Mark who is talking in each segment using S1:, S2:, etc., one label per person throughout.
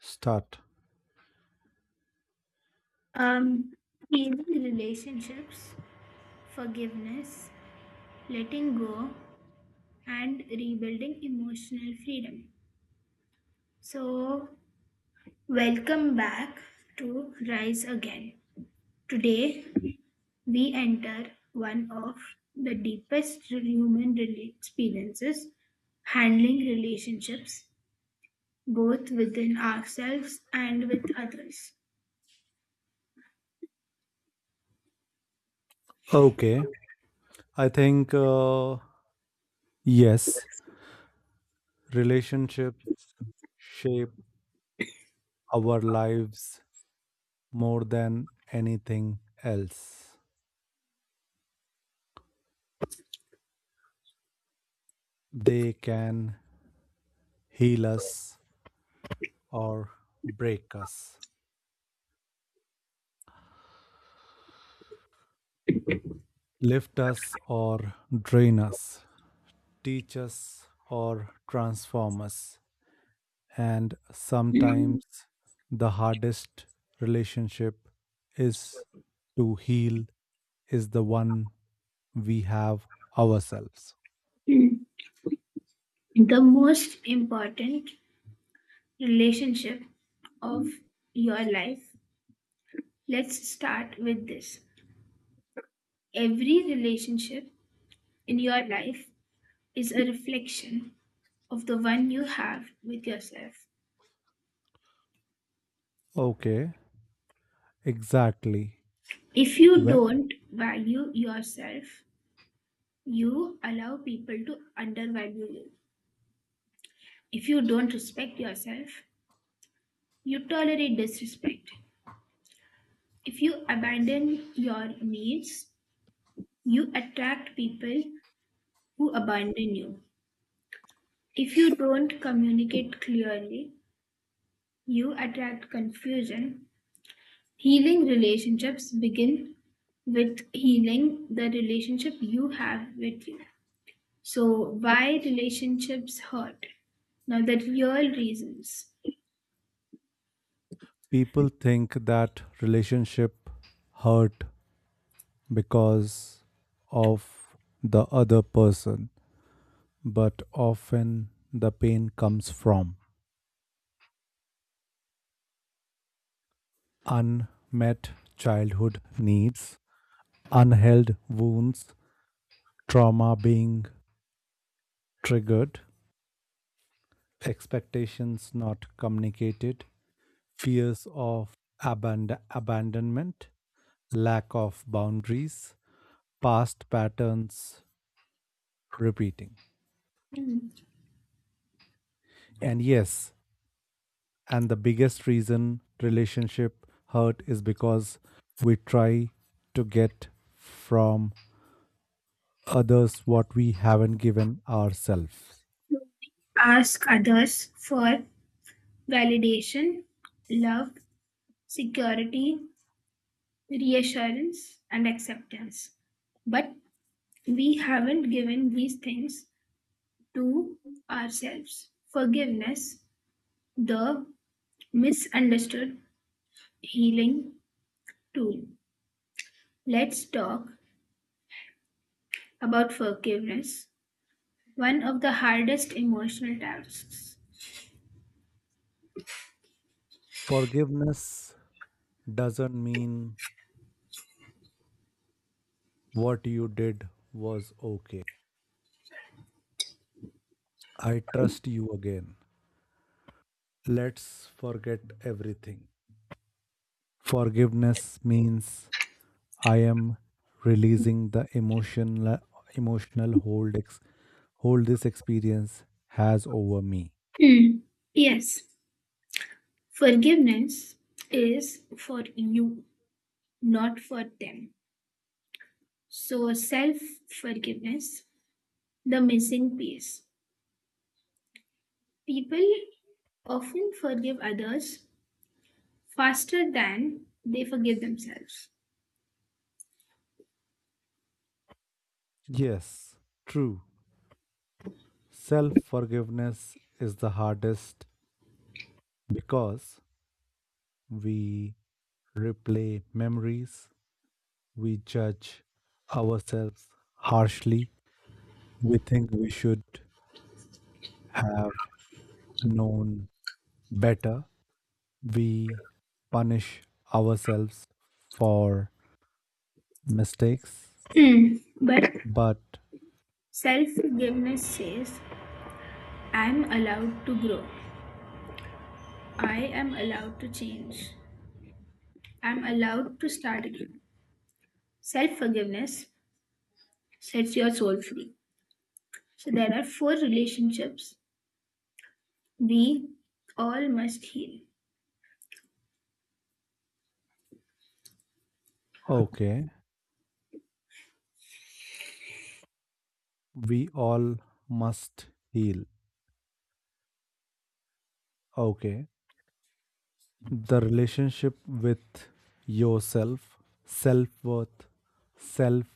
S1: Start.
S2: Um, Healing relationships, forgiveness, letting go, and rebuilding emotional freedom. So, welcome back to Rise Again. Today, we enter one of the deepest experiences handling relationships, both within ourselves and with others.
S1: Okay. I think, yes, relationships shape our lives more than anything else. They can heal us or break us, lift us or drain us, teach us or transform us. And
S2: The
S1: sometimes the hardest relationship is to heal, is the one we have ourselves.
S2: most important relationship of your life. Let's start with this. Every relationship in your life is a reflection of the one you have with yourself.
S1: Okay, exactly.
S2: If you
S1: Where
S2: don't value yourself, you allow people to undervalue you. If you don't respect yourself, you tolerate disrespect. If you abandon your needs, you attract people who abandon you. If you don't communicate clearly, you attract confusion. Healing relationships begin with healing the relationship you have with you. So, why relationships hurt? Now, the real reasons.
S1: people think that relationship hurt because of the other person, but often the pain comes from unmet childhood needs, unhealed wounds, trauma being triggered, expectations not communicated, fears of abandonment, lack of boundaries, past patterns repeating.
S2: Hmm.
S1: And yes, and the biggest reason relationship hurt is because we try to get from others what we haven't given ourselves.
S2: Ask others for validation, love, security, reassurance, and acceptance. But we haven't given these things to ourselves. Forgiveness, the misunderstood healing tool. Let's talk about forgiveness, one of the hardest emotional tasks.
S1: Forgiveness doesn't mean what you did was okay. I trust you again. Let's forget everything. Forgiveness means I am releasing the emotional hold this experience has over me.
S2: Hmm. Yes, forgiveness is for you, not for them. So, self forgiveness, the missing piece. People often forgive others faster than they forgive themselves.
S1: Yes, true. Self forgiveness is the hardest because we replay memories. We judge ourselves harshly. We think we should have known better. We punish ourselves for mistakes.
S2: Hmm. But
S1: But
S2: self forgiveness says, I'm allowed to grow. I am allowed to change. I'm allowed to start again. Self forgiveness sets your soul free. So there are four relationships we all must heal.
S1: okay, we all must heal. Okay, the relationship with yourself, self worth, self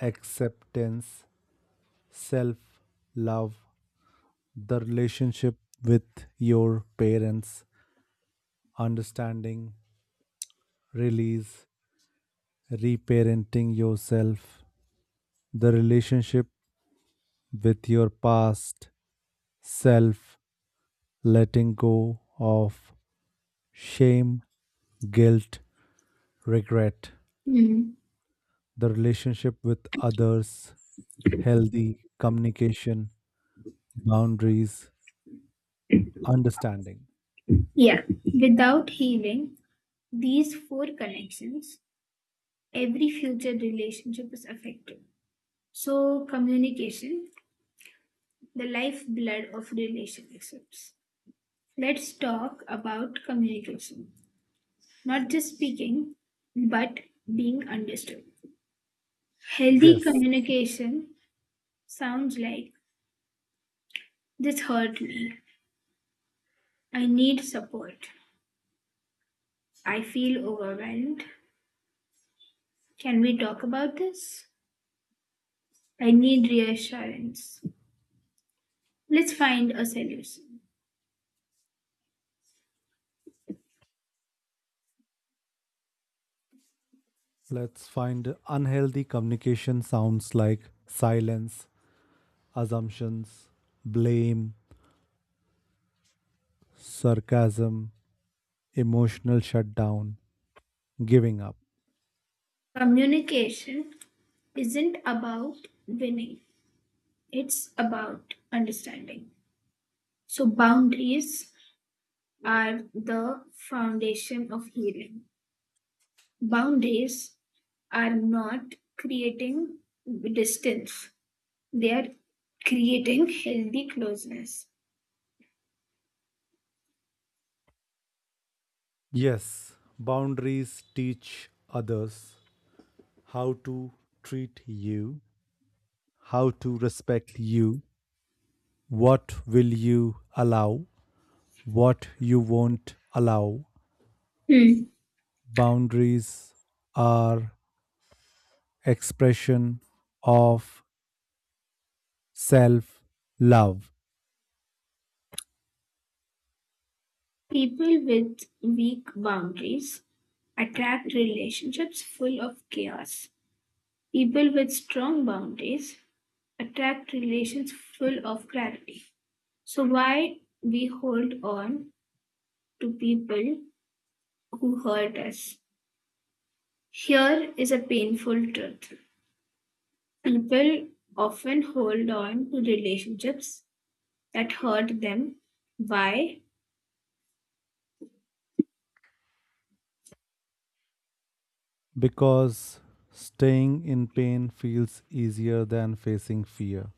S1: acceptance, self love, the relationship with your parents, understanding, release, reparenting yourself, the relationship with your past self, letting go of shame, guilt, regret,
S2: Mm.
S1: the relationship with others, healthy communication, boundaries, understanding.
S2: Yeah, without healing these four connections, every future relationship is affected. So, communication, the lifeblood of relationships. Let's talk about communication. Not just speaking, but being understood. Healthy
S1: Yes,
S2: communication sounds like this hurt me. I need support. I feel overwhelmed. Can we talk about this? I need reassurance. Let's find a solution.
S1: let's find unhealthy communication sounds like silence, assumptions, blame, sarcasm, emotional shutdown, giving up.
S2: Communication isn't about winning, it's about understanding. So, boundaries are the foundation of healing. Boundaries are not creating distance, they are creating healthy closeness.
S1: Yes, boundaries teach others how to treat you, how to respect you, what will you allow, what you won't allow.
S2: Hmm.
S1: Boundaries are expression of self love.
S2: People with weak boundaries attract relationships full of chaos. People with strong boundaries attract relations full of clarity. So, why we hold on to people who hurt us? Here is a painful truth. People often hold on to relationships that hurt them. Why?
S1: Because staying in pain feels easier than facing fear.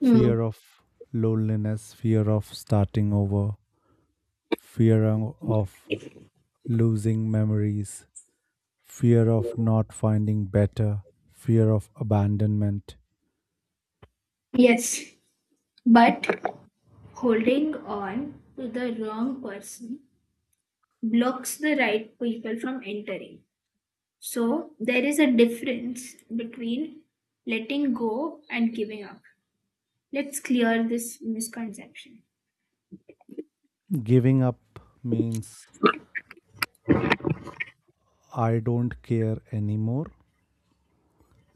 S2: Mm.
S1: of loneliness, fear of starting over, fear of losing memories, fear of not finding better, fear of abandonment.
S2: Yes, but holding on to the wrong person blocks the right people from entering. So there is a difference between letting go and giving up. Let's clear this misconception.
S1: Giving up means I don't care anymore.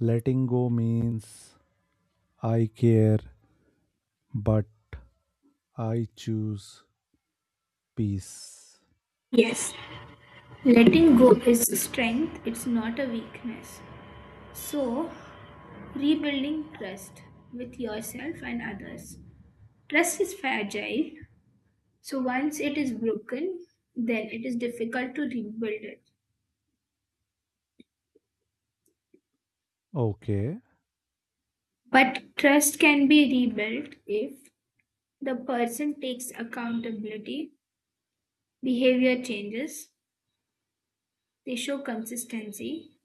S1: Letting go means I care, but I choose peace.
S2: Yes, letting go is strength, it's not a weakness. So, rebuilding trust with yourself and others. Trust is fragile, so once it is broken, then it is difficult to rebuild it.
S1: Okay.
S2: But trust can be rebuilt if the person takes accountability, behavior changes, they show consistency,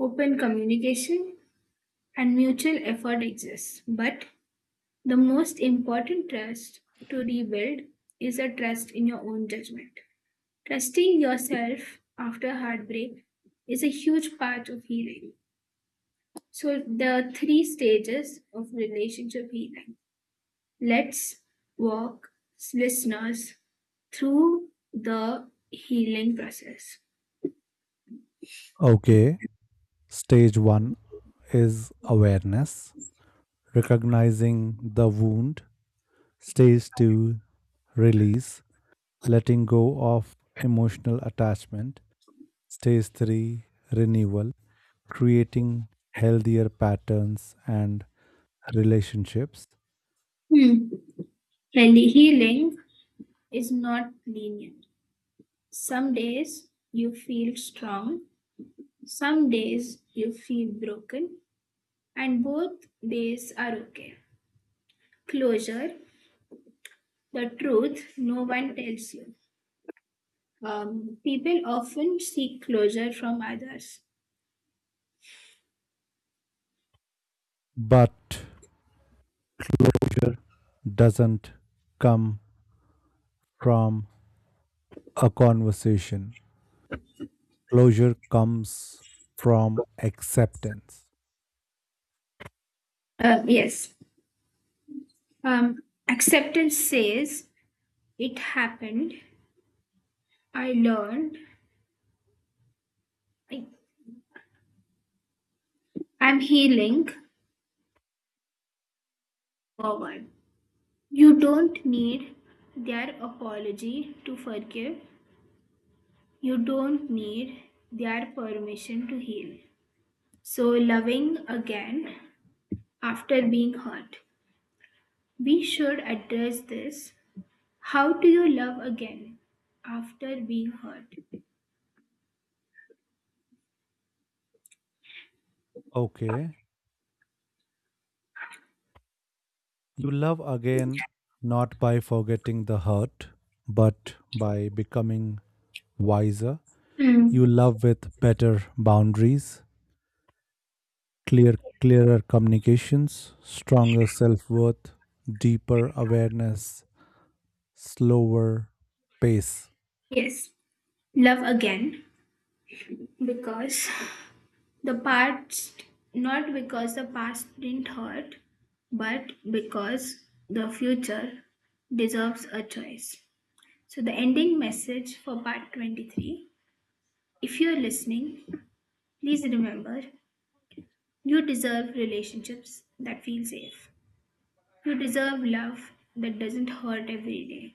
S2: open communication, and mutual effort exists. But the most important trust to rebuild is a trust in your own judgment. Trusting yourself after heartbreak is a huge part of healing. So, the three stages of relationship healing. Let's walk listeners through the healing process.
S1: Okay. Stage 1 is awareness, recognizing the wound. Stage 2 release, letting go of emotional attachment. Stage 3 renewal, creating healthier patterns and relationships,
S2: Hmm. And the healing is not linear. Some days you feel strong, some days you feel broken, and both days are okay. Closure, the truth no one tells you. People often seek closure from others.
S1: but doesn't come from a conversation. Closure comes from acceptance.
S2: Yes. Um, acceptance says, it happened. I learned. I, I'm healing. Forward. You don't need their apology to forgive. You don't need their permission to heal. So, loving again after being hurt. We should address this. How do you love again after being hurt?
S1: Okay, you love again not by forgetting the hurt, but by becoming wiser.
S2: Mm.
S1: You love with better boundaries, clear clearer communications, stronger self-worth, deeper awareness, slower pace.
S2: Yes, love again because the past, not because the past didn't hurt, but because the future deserves a choice. So, the ending message for part 23. If you're listening, please remember you deserve relationships that feel safe, you deserve love that doesn't hurt every day,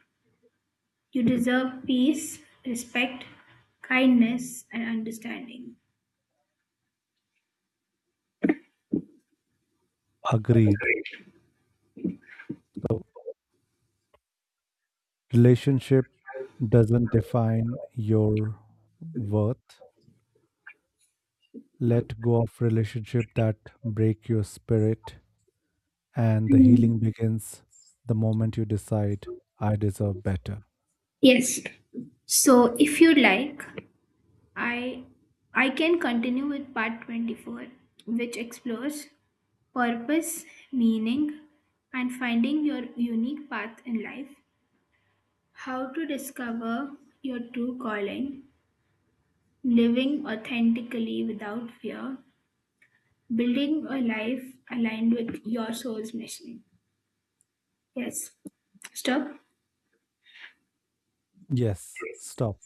S2: you deserve peace, respect, kindness, and understanding.
S1: Agreed. Relationship doesn't define your worth. Let go of relationship that break your spirit, and the
S2: Mm.
S1: healing begins the moment you decide, I deserve better.
S2: Yes. So if you like, I I can continue with part 24, which explores purpose, meaning, and finding your unique path in life, how to discover your true calling, living authentically without fear, building a life aligned with your soul's mission. Yes. Stop.
S1: Yes, stop.